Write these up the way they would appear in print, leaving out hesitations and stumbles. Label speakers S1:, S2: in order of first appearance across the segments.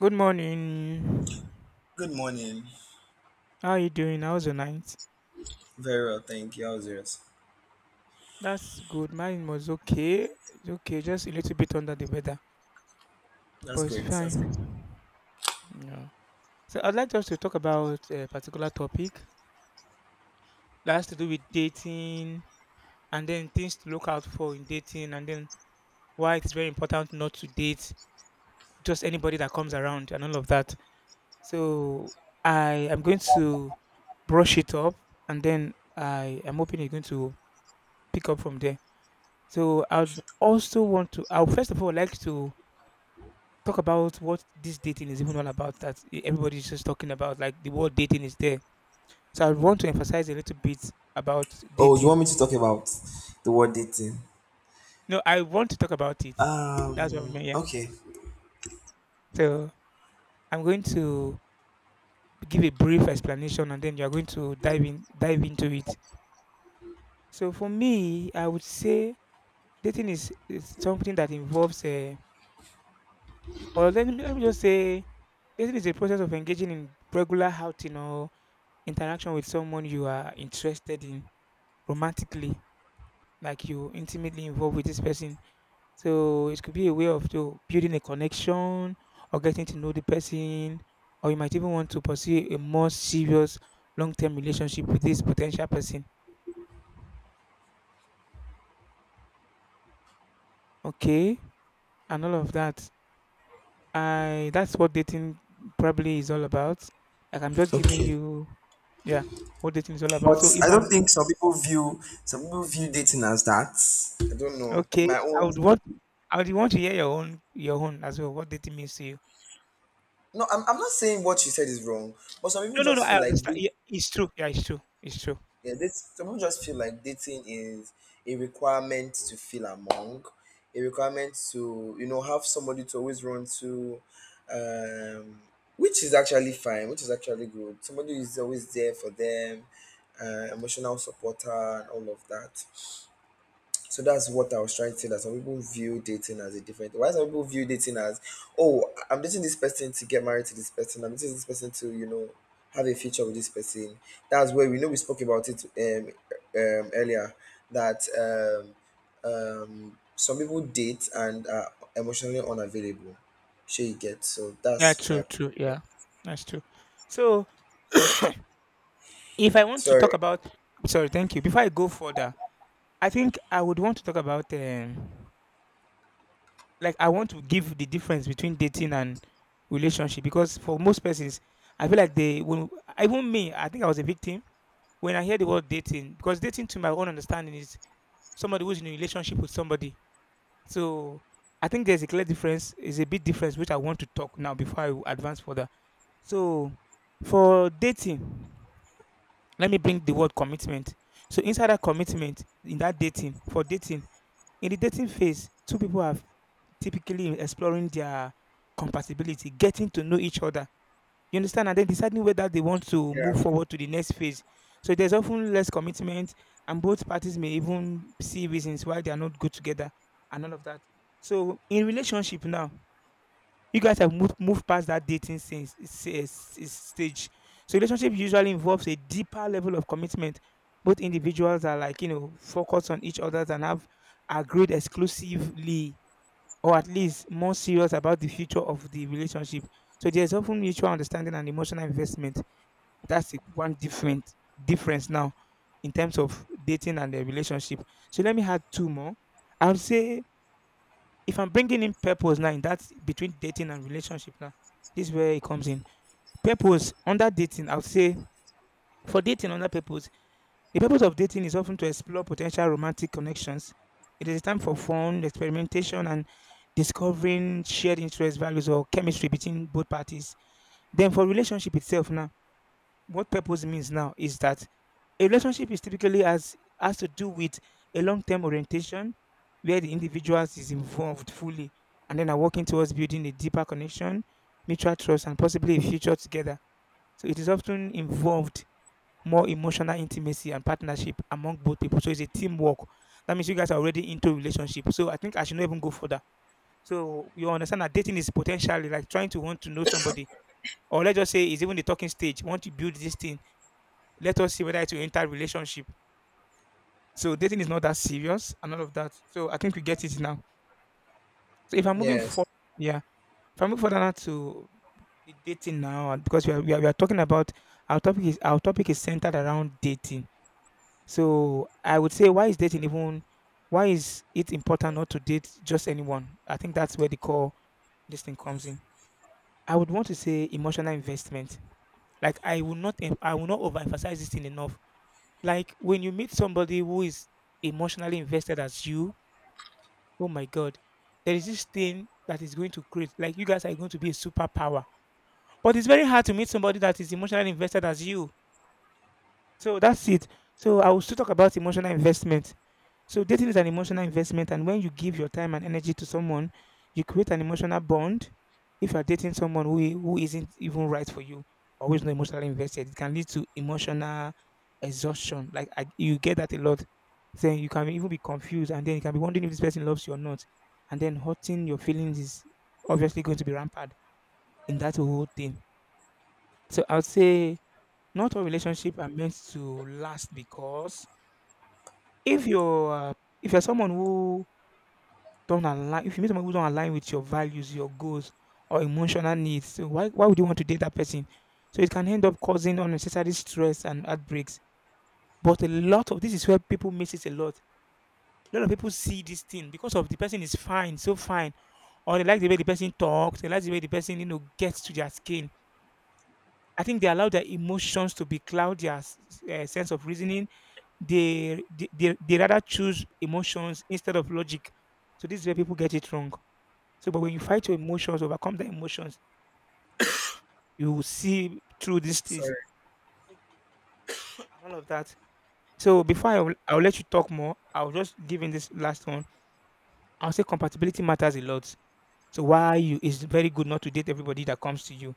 S1: Good morning.
S2: Good morning.
S1: How are you doing? How's your night?
S2: Very well, thank you. How's yours?
S1: That's good. Mine was okay. It's okay, just a little bit under the weather, but
S2: That's
S1: it's
S2: great. That's great.
S1: fine. Yeah. So I'd like us to talk about a particular topic that has to do with dating and then things to look out for in dating, and then why it's very important not to date just anybody that comes around and all of that. So I am going to brush it up, and then I am hoping you're going to pick up from there. So I'd also want to I'll first of all like to talk about what this dating is even all about, that everybody's just talking about, like the word dating is there. So I want to emphasize a little bit about
S2: Oh, you
S1: dating.
S2: want me to talk about the word dating?
S1: No, I want to talk about it. That's what I mean. Yeah.
S2: Okay,
S1: So I'm going to give a brief explanation, and then you're going to dive into it. So for me, I would say dating is something that involves or let me just say dating is a process of engaging in regular outing or interaction with someone you are interested in romantically, like you intimately involved with this person. So it could be a way of to building a connection or getting to know the person, or you might even want to pursue a more serious long-term relationship with this potential person. Okay, and all of that. I That's what dating probably is all about. Like I'm just giving
S2: okay.
S1: you, yeah, what dating is all about.
S2: But
S1: So if
S2: I don't
S1: I'm
S2: think some people view dating as that. I don't know.
S1: Okay,
S2: My
S1: I
S2: own.
S1: would want I would want to hear your own as well. What dating means to you?
S2: No, I'm not saying what you said is wrong, but some people
S1: No, no, no.
S2: just
S1: I
S2: feel like,
S1: understand. Yeah, it's true. Yeah, it's true. It's true.
S2: yeah, this some people just feel like dating is a requirement to feel among, a requirement to have somebody to always run to, um, which is actually fine, which is actually good. Somebody is always there for them, emotional supporter and all of that. So that's what I was trying to say, that some people view dating as a different why some people view dating as oh I- am dating this person to get married to this person. I'm dating this person to, have a future with this person. That's where we know, we spoke about it earlier, that some people date and are emotionally unavailable. Sure, you get. So
S1: Yeah,
S2: that's
S1: true,
S2: my
S1: true. Yeah, that's true. So if I want to talk
S2: sorry,
S1: about, sorry, thank you. Before I go further, I think I would want to talk about, like I want to give the difference between dating and relationship, because for most persons, I feel like even me, I think I was a victim when I hear the word dating, because dating, to my own understanding, is somebody who's in a relationship with somebody. So I think there's a clear difference, is a big difference, which I want to talk now before I advance further. So for dating, let me bring the word commitment. So inside that commitment, in that dating, for dating, in the dating phase, two people are typically exploring their compatibility, getting to know each other, you understand? And then deciding whether they want to
S2: yeah.
S1: move forward to the next phase. So there's often less commitment, and both parties may even see reasons why they are not good together and all of that. So in relationship now, you guys have moved past that stage. So relationship usually involves a deeper level of commitment. Both individuals are, like, you know, focused on each other and have agreed exclusively, or at least more serious about the future of the relationship. So there's often mutual understanding and emotional investment. That's the one different difference now in terms of dating and the relationship. So let me add two more. I would say if I'm bringing in purpose now, in that between dating and relationship now, this is where it comes in. Purpose under dating, I would say for dating under purpose the purpose of dating is often to explore potential romantic connections. It is a time for fun, experimentation, and discovering shared interests, values, or chemistry between both parties. Then, for relationship itself, now, what purpose means now is that a relationship is typically has to do with a long-term orientation, where the individuals is involved fully, and then are working towards building a deeper connection, mutual trust, and possibly a future together. So, it is often involved more emotional intimacy and partnership among both people. So it's a teamwork. That means you guys are already into relationship. So I think I should not even go further. So you understand that dating is potentially like trying to want to know somebody, or let's just say it's even the talking stage. Want to build this thing? Let us see whether it will enter relationship. So dating is not that serious and all of that. So I think we get it now. So if I'm moving
S2: Yes.
S1: forward, yeah, if I move further now to the dating now, and because we are we are talking about our topic is centered around dating. So I would say, why is dating even? Why is it important not to date just anyone? I think that's where the core this thing comes in. I would want to say emotional investment. Like I will not, I will not overemphasize this thing enough. Like when you meet somebody who is emotionally invested as you, oh my god, there is this thing that is going to create. Like you guys are going to be a superpower. But it's very hard to meet somebody that is emotionally invested as you. So that's it. So I will still talk about emotional investment. So dating is an emotional investment, and when you give your time and energy to someone, you create an emotional bond. If you are dating someone who isn't even right for you, always not emotionally invested, it can lead to emotional exhaustion. Like I, you get that a lot. Then you can even be confused, and then you can be wondering if this person loves you or not, and then hurting your feelings is obviously going to be rampant in that whole thing. So I would say not all relationships are meant to last because if you're uh, if you're someone who don't align if you meet someone who don't align with your values, your goals, or emotional needs, so why would you want to date that person? So it can end up causing unnecessary stress and heartbreaks. But a lot of this is where people miss it a lot. A lot of people see this thing because of the person is fine, so fine, or they like the way the person talks, they like the way the person, you know, gets to their skin. I think they allow their emotions to be cloud eh, sense of reasoning. They rather choose emotions instead of logic. So this is where people get it wrong. So, but when you fight your emotions, overcome the emotions, you will see through these things
S2: Sorry.
S1: and all of that. So, before I'll let you talk more, I'll just give in this last one. I'll say compatibility matters a lot. So, why you it's very good not to date everybody that comes to you.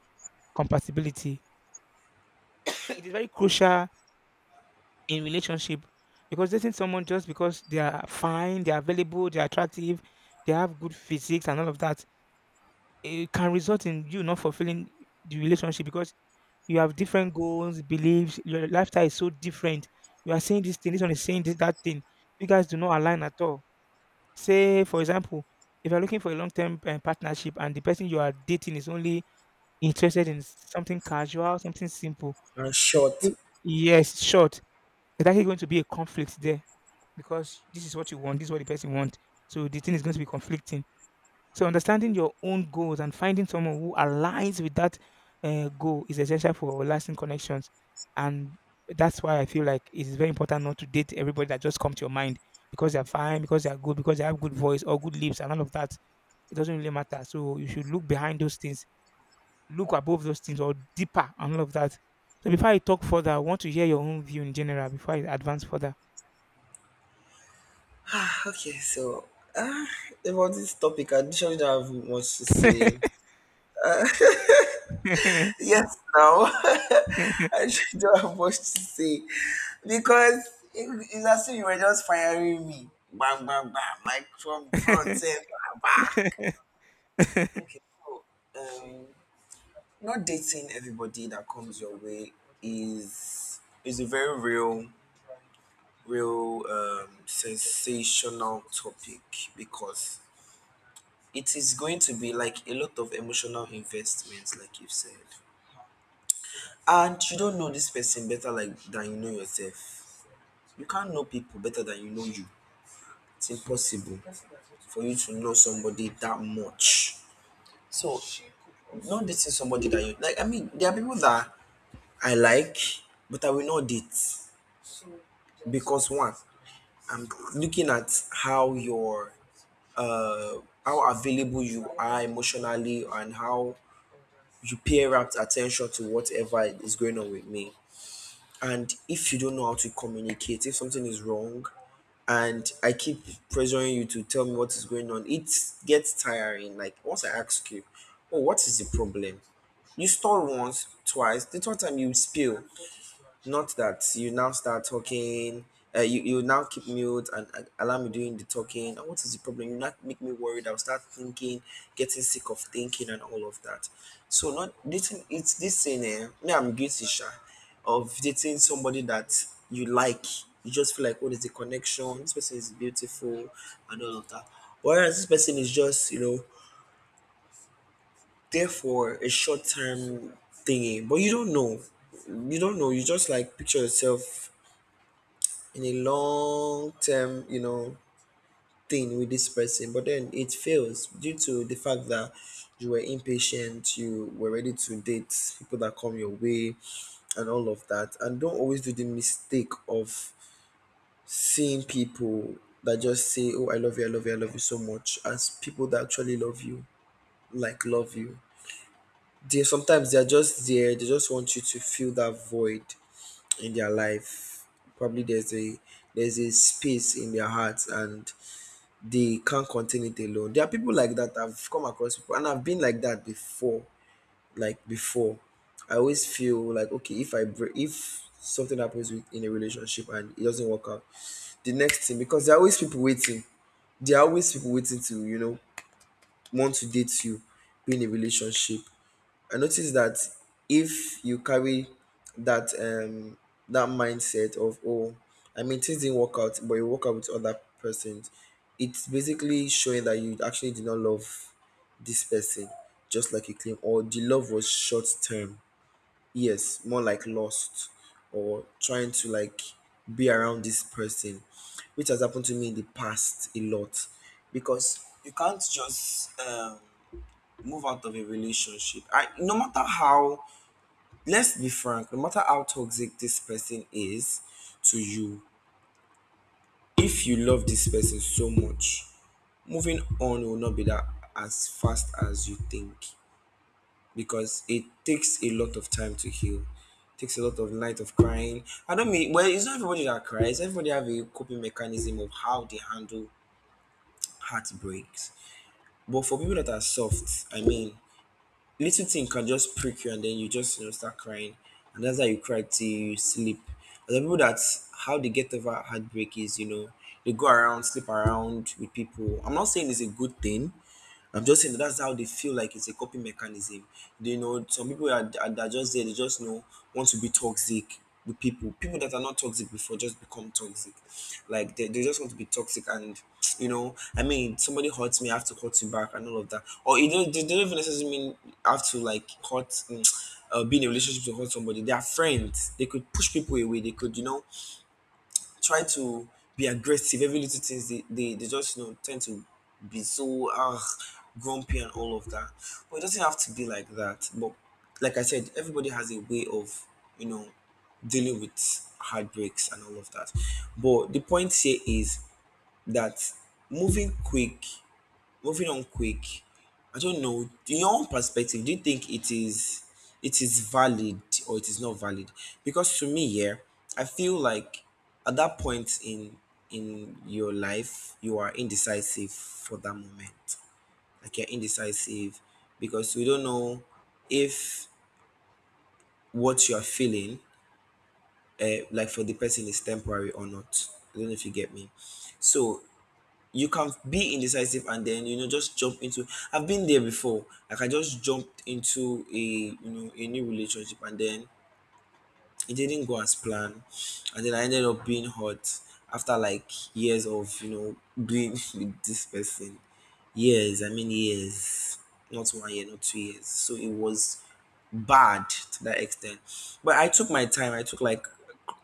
S1: Compatibility it is very crucial in relationship because dating someone just because they are fine, they are available, they are attractive, they have good physiques and all of that, it can result in you not fulfilling the relationship because you have different goals, beliefs. Your lifestyle is so different. You are saying this thing, this one is saying this, that thing. You guys do not align at all. Say, for example, if you're looking for a long term partnership and the person you are dating is only interested in something casual, something simple,
S2: And
S1: it's
S2: short.
S1: likely- yes, short, there's actually going to be a conflict there because this is what you want, this is what the person wants. So the thing is going to be conflicting, so understanding your own goals and finding someone who aligns with that goal is essential for lasting connections. And that's why I feel like it is very important not to date everybody that just comes to your mind because they're fine, because they're good, because they have good voice or good lips and all of that. It doesn't really matter. So you should look behind those things, look above those things or deeper and all of that. So before I talk further, I want to hear your own view in general before I advance further.
S2: Okay, so ah about this topic, I actually don't have much to say. Yes, now I actually don't have much to say because it's as if you were just firing me, bang, bang, bang, like from front, say, bang, bang. Okay, so um, not dating everybody that comes your way is a very real, real sensational topic because it is going to be like a lot of emotional investments, like you've said. And you don't know this person better, like, than you know yourself. You can't know people better than you know you. It's impossible for you to know somebody that much. So, not dating somebody that you like. I mean, there are people that I like, but I will not date, because one, I'm looking at how your uh how available you are emotionally and how you pay rapt attention to whatever is going on with me. And if you don't know how to communicate, if something is wrong, and I keep pressuring you to tell me what is going on, it gets tiring. Like, once I ask you, "Oh, what is the problem?" You stall once, twice. The third time you spill. Not that you now start talking, you now keep mute and allow me doing the talking. And what is the problem? You not make me worried. I'll start thinking, getting sick of thinking and all of that. So, not dating. It's this thing. Me, I'm guilty, sha, of dating somebody that you like. You just feel like, what is the connection? This person is beautiful and all of that. Whereas this person is just there for a short term thingy, but you don't know you just, like, picture yourself in a long term thing with this person, but then it fails due to the fact that you were impatient, you were ready to date people that come your way and all of that. And don't always do the mistake of seeing people that just say, "Oh, I love you, I love you, I love you so much," as people that actually love you, like love you. They, sometimes they're just there, they just want you to fill that void in their life. Probably there's a space in their hearts and they can't contain it alone. There are people like that. I've come across people, and I've been like that before. Like before, I always feel like, okay, if I break, if something happens with, in a relationship and it doesn't work out, the next thing, because there are always people waiting. There are always people waiting to want to date you, be in a relationship. I noticed that if you carry that mindset of, oh, I mean, things didn't work out, but you work out with other persons, it's basically showing that you actually did not love this person just like you claim, or the love was short term. Yes, more like lost, or trying to, like, be around this person, which has happened to me in the past a lot because you can't just move out of a relationship. I No matter how, let's be frank, no matter how toxic this person is to you, if you love this person so much, moving on will not be that as fast as you think because it takes a lot of time to heal. It takes a lot of night of crying. I don't mean, well, it's not everybody that cries. Everybody have a coping mechanism of how they handle heartbreaks. But for people that are soft, I mean, little thing can just prick you and then you just start crying, and that's how you cry till you sleep. And the people, that how they get over heartbreak is, they go around, sleep around with people. I'm not saying it's a good thing, I'm just saying that that's how they feel like, it's a coping mechanism. They know some people are that are just there, they just know want to be toxic with people. People that are not toxic before just become toxic. Like, they just want to be toxic, and I mean, somebody hurts me, I have to hurt you back and all of that. Or it don't they don't even necessarily mean I have to, like, hurt be in a relationship to hurt somebody. They are friends. They could push people away. They could try to be aggressive. Every little things, they just tend to be so grumpy and all of that. But it doesn't have to be like that. But, like I said, everybody has a way of you know dealing with heartbreaks and all of that. But the point here is that moving quick moving on quick, I don't know. In your own perspective, do you think it is valid, or it is not valid? Because to me, yeah, I feel like at that point in your life, you are indecisive for that moment. Like, you're indecisive because we don't know if what you are feeling, like, for the person, is temporary or not. I don't know if you get me. So, you can be indecisive and then, just jump into, I've been there before. Like, I just jumped into, a a new relationship, and then it didn't go as planned, and then I ended up being hurt after like years of being with this person. Years, I mean, years, not one year, not 2 years. So it was bad to that extent. But I took my time. I took like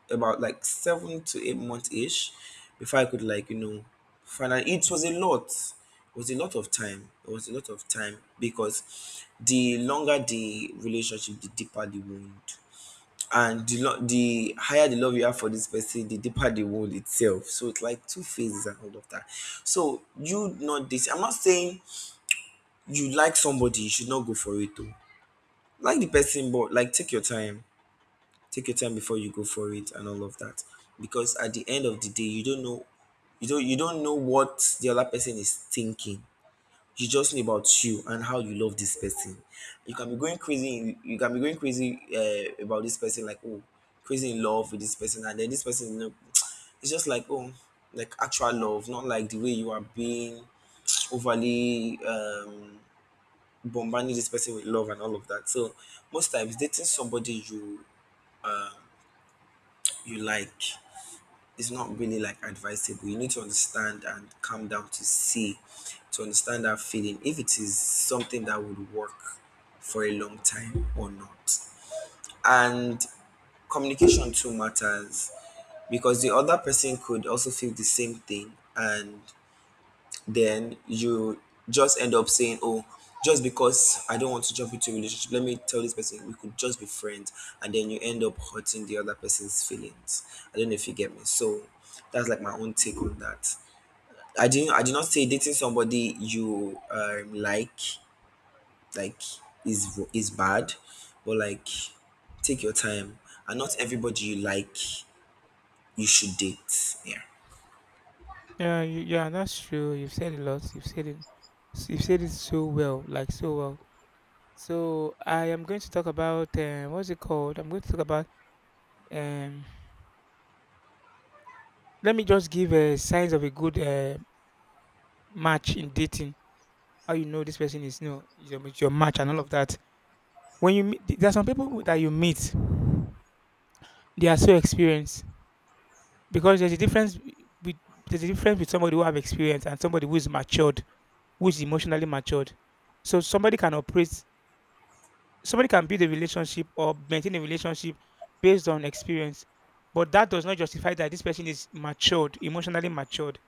S2: about like 7 to 8 months ish before I could, like, finally, it was a lot it was a lot of time it was a lot of time because the longer the relationship, the deeper the wound, and the higher the love you have for this person, the deeper the wound itself. So it's like two phases and all of that. So you not this I'm not saying, you like somebody, you should not go for it, though. Like, the person. But, like, take your time, take your time before you go for it and all of that, because at the end of the day you don't know what the other person is thinking. You just know about you and how you love this person. You can be going crazy, you can be going crazy, about this person, like, oh, crazy in love with this person, and then this person, it's just like, oh, like, actual love, not like the way you are being overly bombarding this person with love and all of that. So, most times, dating somebody you like, it's not really, like, advisable. You need to understand and calm down to see, to understand that feeling, if it is something that would work for a long time or not. And communication too matters because the other person could also feel the same thing, and then you just end up saying, "Oh, just because I don't want to jump into a relationship, let me tell this person we could just be friends," and then you end up hurting the other person's feelings. I don't know if you get me. So, that's like my own take on that. I did not say dating somebody you like is bad, but, like, take your time. And not everybody you like you should date. Yeah.
S1: Yeah, yeah, that's true. You've said a lot. You've said it. You've said it so well, like so well. So I am going to talk about what's it called? I'm going to talk about. Um, let me just give signs of a good match in dating. How you know this person is no, is is your match and all of that. When you meet, there are some people that you meet, they are so experienced because there's a difference with there's a difference with somebody who have experience and somebody who is matured, who is emotionally matured. So somebody can build a relationship or maintain a relationship based on experience, but that does not justify that this person is matured, emotionally matured.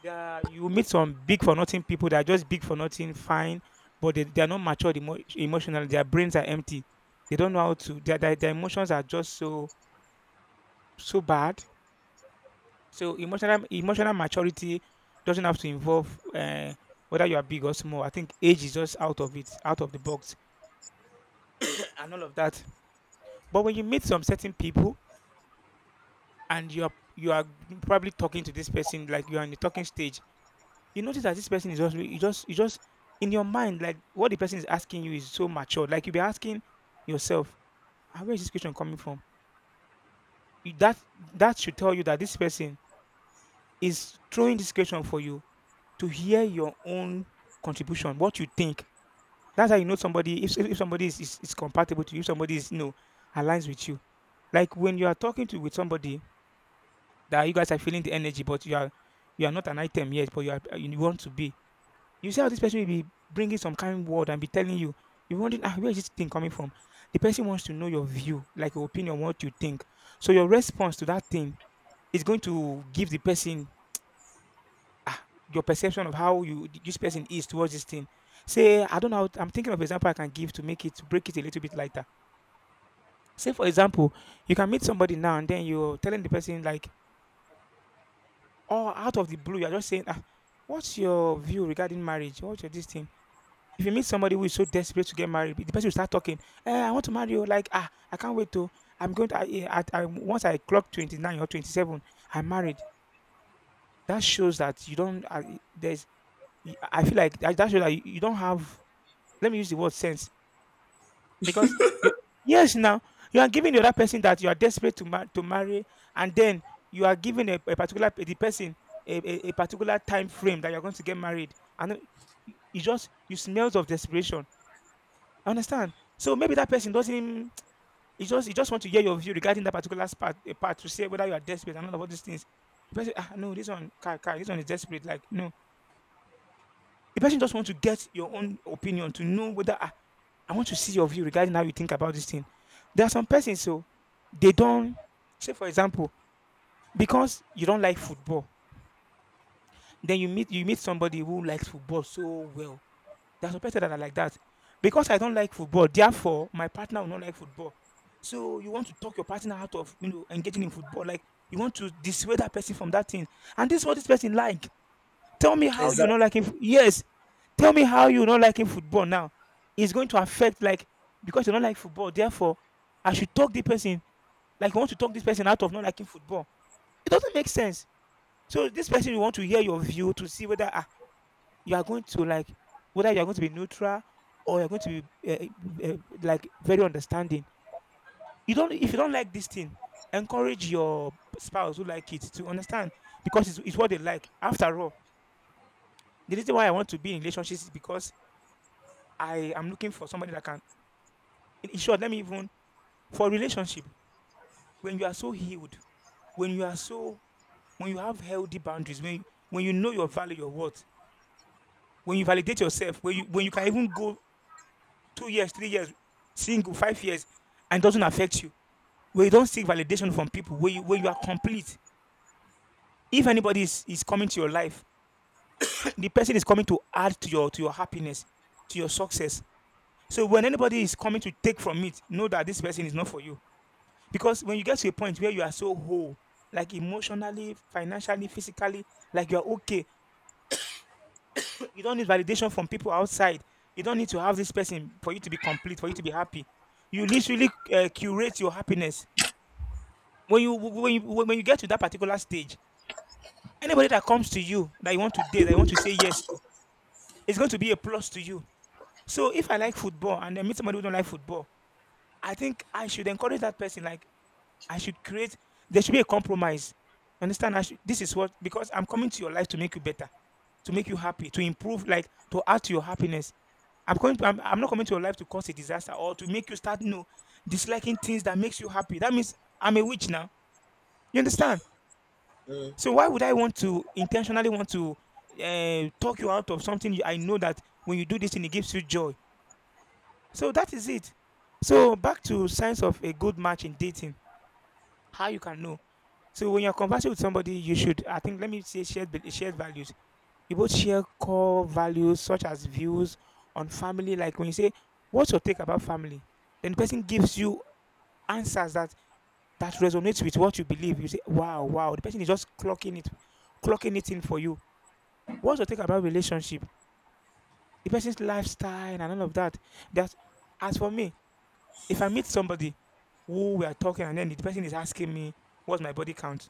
S1: You meet some big for nothing people that are just big for nothing, fine, but they are not matured emotionally. Their brains are empty. They don't know how to. Their emotions are just so bad. So emotional maturity doesn't have to involve whether you are big or small. I think age is just out of it, out of the box, and all of that. But when you meet some certain people and you are probably talking to this person like you are in the talking stage, you notice that this person is just you just in your mind, like what the person is asking you is so mature. Like you'll be asking yourself, "Ah, where is this question coming from?" You- That that should tell you that this person is throwing this question for you to hear your own contribution, what you think. That's how you know somebody, if somebody is compatible to you, if somebody is aligns with you. Like when you are talking to with somebody, that you guys are feeling the energy, but you are not an item yet, but you want to be. You see how this person will be bringing some kind word and be telling you. You're wondering, ah, where is this thing coming from? The person wants to know your view, like your opinion, what you think. So your response to that thing is going to give the person, ah, your perception of how you this person is towards this thing. Say, I don't know. I'm thinking of example I can give to make it to break it a little bit lighter. Say, for example, you can meet somebody now and then you're telling the person like, or out of the blue, you're just saying, ah, what's your view regarding marriage? What's your this thing? If you meet somebody who is so desperate to get married, the person will start talking, I want to marry you. Like, ah, I can't wait to, I'm going to, I, once I clock 29 or 27, I'm married. That shows that you don't, there's, I feel like that shows that you don't have, let me use the word sense. Because you, yes, now you are giving the other person that you are desperate to to marry, and then you are giving the person a particular time frame that you are going to get married, and it you just you smells of desperation. I understand. So maybe that person doesn't. He just want to hear your view regarding that particular part, part, to say whether you are desperate and all of these things. The person, ah, no, this one, kai, kai, this one is desperate. Like no, the person just want to get your own opinion to know whether, ah, I want to see your view regarding how you think about this thing. There are some persons, so they don't, say, for example, because you don't like football, then you meet somebody who likes football so well. There are some persons that are like that. Because I don't like football, therefore my partner will not like football. So you want to talk your partner out of, you know, engaging in football, like you want to dissuade that person from that thing. And this is what this person like. Tell me how you're not liking.
S2: Exactly.
S1: Yes, tell me how you're not liking football now. It's going to affect, like, because you don't like football. Therefore, I should talk the person, like you want to talk this person out of not liking football. It doesn't make sense. So this person, you want to hear your view to see whether, ah, you are going to like, whether you are going to be neutral, or you're going to be, like very understanding. You don't, if you don't like this thing, encourage your spouse who like it to understand, because it's what they like. After all, the reason why I want to be in relationships is because I am looking for somebody that can. In short, let me even, for relationship. When you are so healed, when you are so, when you have healthy boundaries, when you know your value, your worth, when you validate yourself, when you can even go 2 years, 3 years, single, 5 years, and it doesn't affect you. Where you don't seek validation from people, where you are complete. If anybody is coming to your life, the person is coming to add to your happiness, to your success. So when anybody is coming to take from it, know that this person is not for you. Because when you get to a point where you are so whole, like emotionally, financially, physically, like you are okay, you don't need validation from people outside. You don't need to have this person for you to be complete, for you to be happy. You literally curate your happiness. When you get to that particular stage, anybody that comes to you that you want to date, that you want to say yes to, it's going to be a plus to you. So if I like football and I meet somebody who don't like football, I think I should encourage that person. Like, I should create there should be a compromise. You understand? This is what, because I'm coming to your life to make you better, to make you happy, to improve, like to add to your happiness. I'm not coming to your life to cause a disaster or to make you start, you know, disliking things that makes you happy. That means I'm a witch now. You understand?
S2: Mm.
S1: So why would I want to intentionally want to, talk you out of something you, I know that when you do this thing it gives you joy. So that is it. So back to signs of a good match in dating. How you can know. So when you're conversing with somebody, you should, I think, let me say shared values. You both share core values such as views on family. Like when you say, "What's your take about family?" Then the person gives you answers that that resonates with what you believe. You say, "Wow, wow!" The person is just clocking it in for you. What's your take about relationship? The person's lifestyle and all of that. That, as for me, if I meet somebody who we are talking and then the person is asking me, "What's my body count?"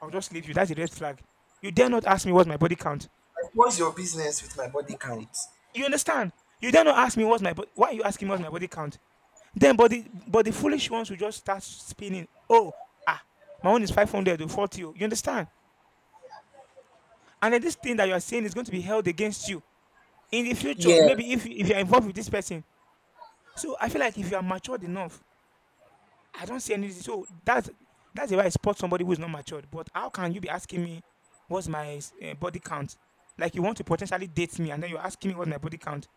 S1: I'll just leave you. That's a red flag. You dare not ask me what's my body count.
S2: Like, what's your business with my body
S1: Mo-
S2: count?
S1: You understand? You dare not ask me what's my body. Why are you asking what's my body count? Then, but the foolish ones will just start spinning. Oh, ah, my own is 500 or 40. Oh, you understand? And then this thing that you are saying is going to be held against you in the future. Maybe if,
S2: Yes.
S1: if you're involved with this person. So I feel like if you are matured enough, I don't see any. So that's the way I spot somebody who is not matured. But how can you be asking me what's my, body count? Like you want to potentially date me, and then you're asking me what's my body count.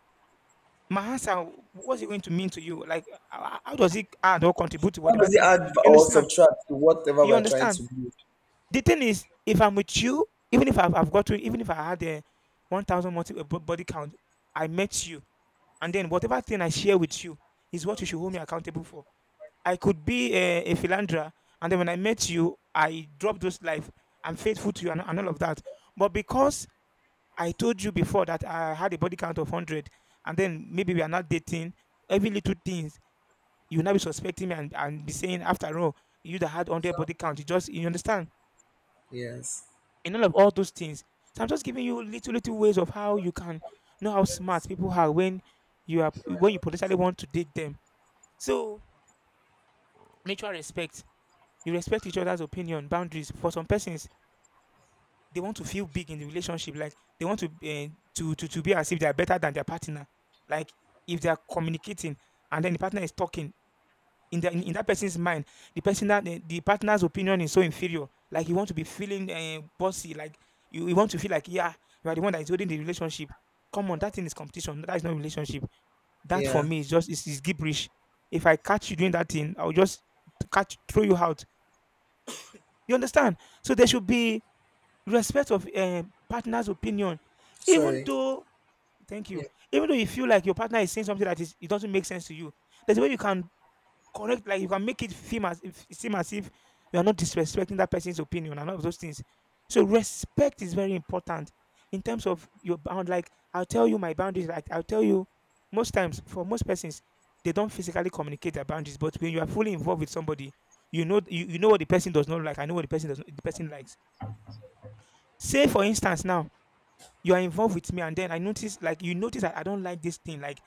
S1: My answer, what's it going to mean to you? Like, how does it add or contribute to
S2: How
S1: whatever
S2: does it
S1: thing?
S2: add
S1: You
S2: or
S1: understand?
S2: subtract to whatever
S1: You
S2: we're trying to
S1: understand?
S2: build?
S1: The thing is, if I'm with you, even if I've, I've got to, even if I had a 1,000 multiple body count, I met you, and then whatever thing I share with you is what you should hold me accountable for. I could be a philanderer, and then when I met you, I dropped those life. I'm faithful to you, and all of that. But because I told you before that I had a body count of 100, and then maybe we are not dating, every little things, you will not be suspecting me and be saying, after all, you that had 100 body count. You just you understand
S2: Yes.
S1: in all of all those things. So I'm just giving you little ways of how you can know how smart people are when you potentially want to date them. So mutual respect, you respect each other's opinion, boundaries. For some persons, they want to feel big in the relationship, like they want to to be as if they are better than their partner. Like, if they are communicating and then the partner is talking, in that person's mind, the person, that the partner's opinion is so inferior. Like, you want to be feeling bossy, like you want to feel like, yeah, you are the one that is holding the relationship. Come on, that thing is competition, that is not relationship. That, for
S2: Yeah.
S1: me, is just is gibberish if I catch you doing that thing, I'll just catch throw you out, you understand. So there should be respect of, partner's opinion, even
S2: Sorry.
S1: though— Thank you.
S2: Yeah.
S1: Even though you feel like your partner is saying something that is, it doesn't make sense to you, there's a way you can correct, like you can make it seem as if, you are not disrespecting that person's opinion and all of those things. So respect is very important in terms of your bound. Like, I'll tell you my boundaries. Like, I'll tell you, most times, for most persons, they don't physically communicate their boundaries. But when you are fully involved with somebody, you know, you know what the person does not like. I know what the person does not, the person likes. Say, for instance, now you are involved with me, and then I notice, like, you notice that I don't like this thing. Like,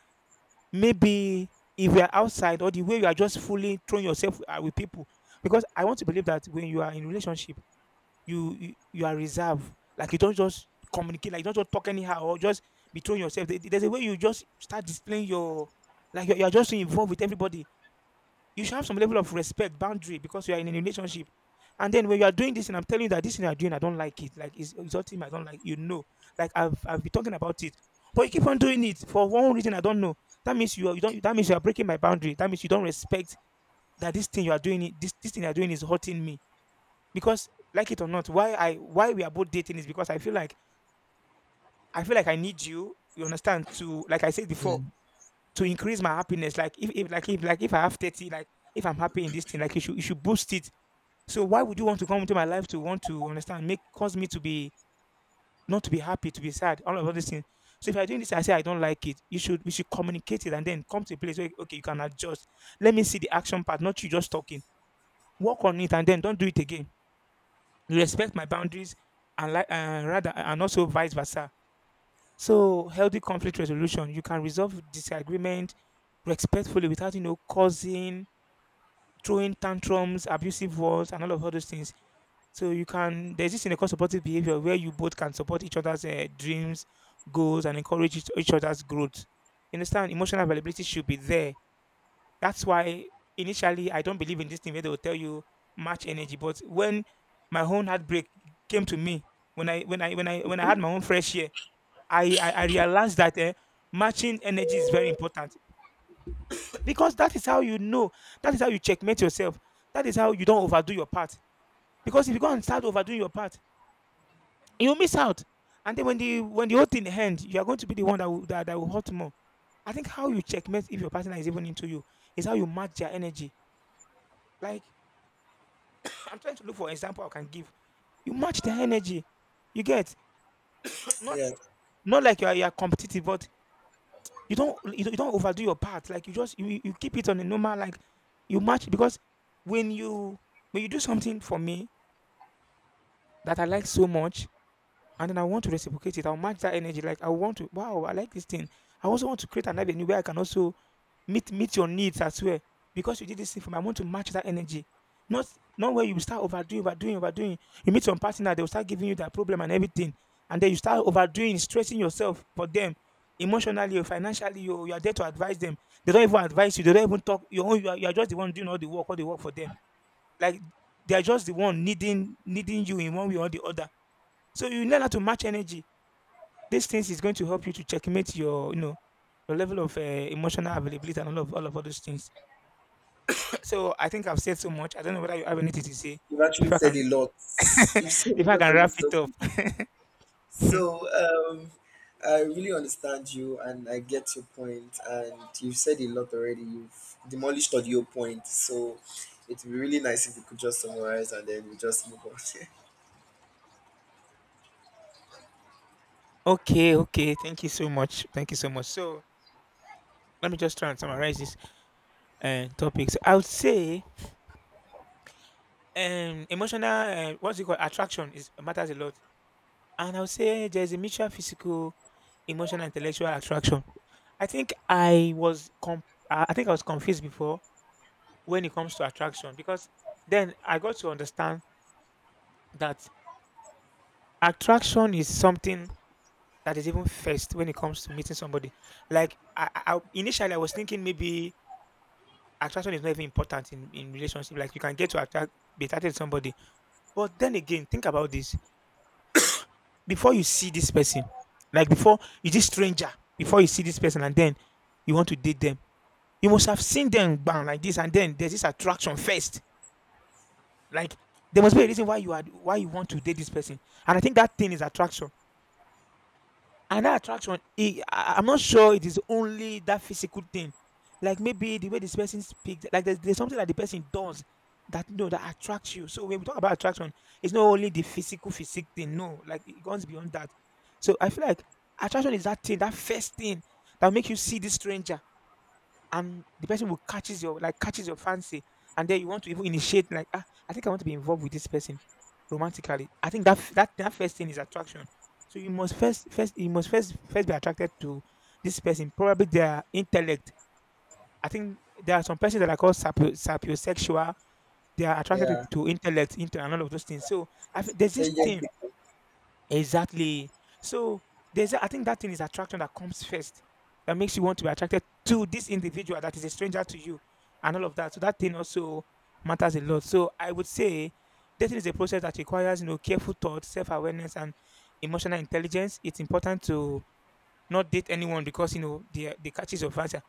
S1: maybe if you are outside, or the way you are just fully throwing yourself with people, because I want to believe that when you are in relationship, you are reserved. Like, you don't just communicate, like, you don't just talk anyhow or just be throwing yourself. There's a way you just start displaying your— like you're just so involved with everybody, you should have some level of respect, boundary, because you are in a relationship. And then when you are doing this, and I'm telling you that this thing you are doing, I don't like it. Like, it's exalting, I don't like. You know, like, I've been talking about it, but you keep on doing it for one reason, I don't know. That means you are, you don't. That means you are breaking my boundary. That means you don't respect that this thing you are doing. This thing you are doing is hurting me, because, like it or not, why we are both dating is because I feel like, I need you. You understand? To, like I said
S2: Yeah.
S1: before, to increase my happiness. Like, if, if I have 30, like if I'm happy in this thing, like you should, boost it. So why would you want to come into my life to want to understand, make, cause me to be, not to be happy, to be sad, all of all these things. So if you're doing this, I say I don't like it. You should We should communicate it, and then come to a place where, okay, you can adjust. Let me see the action part, not you just talking. Work on it, and then don't do it again. Respect my boundaries and, like, rather, and also vice versa. So, healthy conflict resolution, you can resolve disagreement respectfully without, you know, causing, throwing tantrums, abusive words, and all of all those things. So you can, there's this in a supportive behavior, where you both can support each other's dreams, goals, and encourage each other's growth. You understand? Emotional availability should be there. That's why, initially, I don't believe in this thing where they will tell you, match energy. But when my own heartbreak came to me, when I had my own fresh year, I realized that matching energy is very important, because that is how you know. That is how you checkmate yourself. That is how you don't overdo your part. Because if you go and start overdoing your part, you'll miss out. And then, when the whole thing ends, you are going to be the one that that will hurt more. I think how you checkmate if your partner is even into you is how you match their energy. Like, I'm trying to look for example I can give. You match their energy. You get not,
S2: Yeah.
S1: you are competitive, but you don't overdo your part. Like, you just, you keep it on a normal, like, you match. Because when you do something for me that I like so much, and then I want to reciprocate it, I'll match that energy. Like, I want to— wow, I like this thing. I also want to create an avenue where I can also meet your needs as well. Because you did this thing for me, I want to match that energy. Not, where you start overdoing, overdoing, overdoing. You meet some partner, they will start giving you that problem and everything, and then you start overdoing, stressing yourself for them, emotionally or financially. You are there to advise them. They don't even advise you. They don't even talk. You own, you are just the one doing all the work, for them. Like, they are just the one needing you in one way or the other. So you learn how to match energy. These things is going to help you to checkmate your, you know, your level of emotional availability, and all of all of all those things. So, I think I've said so much. I don't know whether you have anything to say
S2: You've actually
S1: before I
S2: said
S1: can
S2: a lot. You've said a
S1: before I
S2: lot
S1: can
S2: on
S1: wrap
S2: this
S1: it up.
S2: topic. So, I really understand you, and I get your point, and you've said a lot already. You've demolished all your point. So it'd be really nice if we could just summarize and then we just move on.
S1: Okay, okay. Thank you so much. Thank you so much. So, let me just try and summarize this topic. So, I would say emotional, what's it called, attraction is, matters a lot, and I would say there's a mutual physical, emotional, intellectual attraction. I think I was com- I think I was confused before when it comes to attraction, because then I got to understand that attraction is something that is even first when it comes to meeting somebody. Like, initially, I was thinking maybe attraction is not even important in relationship. Like, you can get to attract be attracted to somebody. But then again, think about this. Before you see this person, like, before you, this stranger, before you see this person, and then you want to date them, you must have seen them bang like this, and then there's this attraction first. Like, there must be a reason why you are why you want to date this person. And I think that thing is attraction. And that attraction, I'm not sure it is only that physical thing. Like, maybe the way this person speaks, like, there's something that the person does, that, no, that attracts you. So, when we talk about attraction, it's not only the physical physique thing. No, like, it goes beyond that. So I feel like attraction is that thing, that first thing, that make you see this stranger, and the person will catches your, like, catches your fancy, and then you want to even initiate, like, ah, I think I want to be involved with this person romantically. I think that that first thing is attraction. So you must, first be attracted to this person, probably their intellect. I think there are some persons that are called sapiosexual. They are attracted to,
S2: Yeah.
S1: intellect, into and all of those things, so I, think there's this
S2: Intelligent
S1: thing.
S2: people.
S1: Exactly. So there's a— I think that thing is attraction that comes first, that makes you want to be attracted to this individual that is a stranger to you, and all of that. So that thing also matters a lot. So I would say dating is a process that requires, you know, careful thought, self-awareness, and emotional intelligence. It's important to not date anyone because, you know, the catches of answer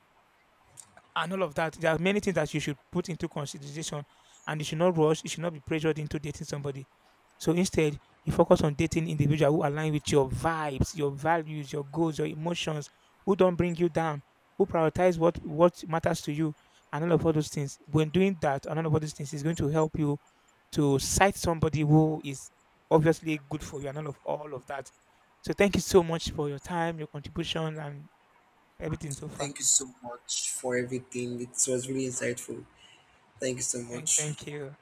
S1: and all of that. There are many things that you should put into consideration, and you should not rush, you should not be pressured into dating somebody. So instead, you focus on dating individual who align with your vibes, your values, your goals, your emotions, who don't bring you down, who prioritize what matters to you, and all of all those things. When doing that, and all of all those things is going to help you to cite somebody who is obviously good for you, and all of that. So, thank you so much for your time, your contribution, and everything so far.
S2: Thank you so much for everything. It was really insightful. Thank you so much.
S1: Thank you.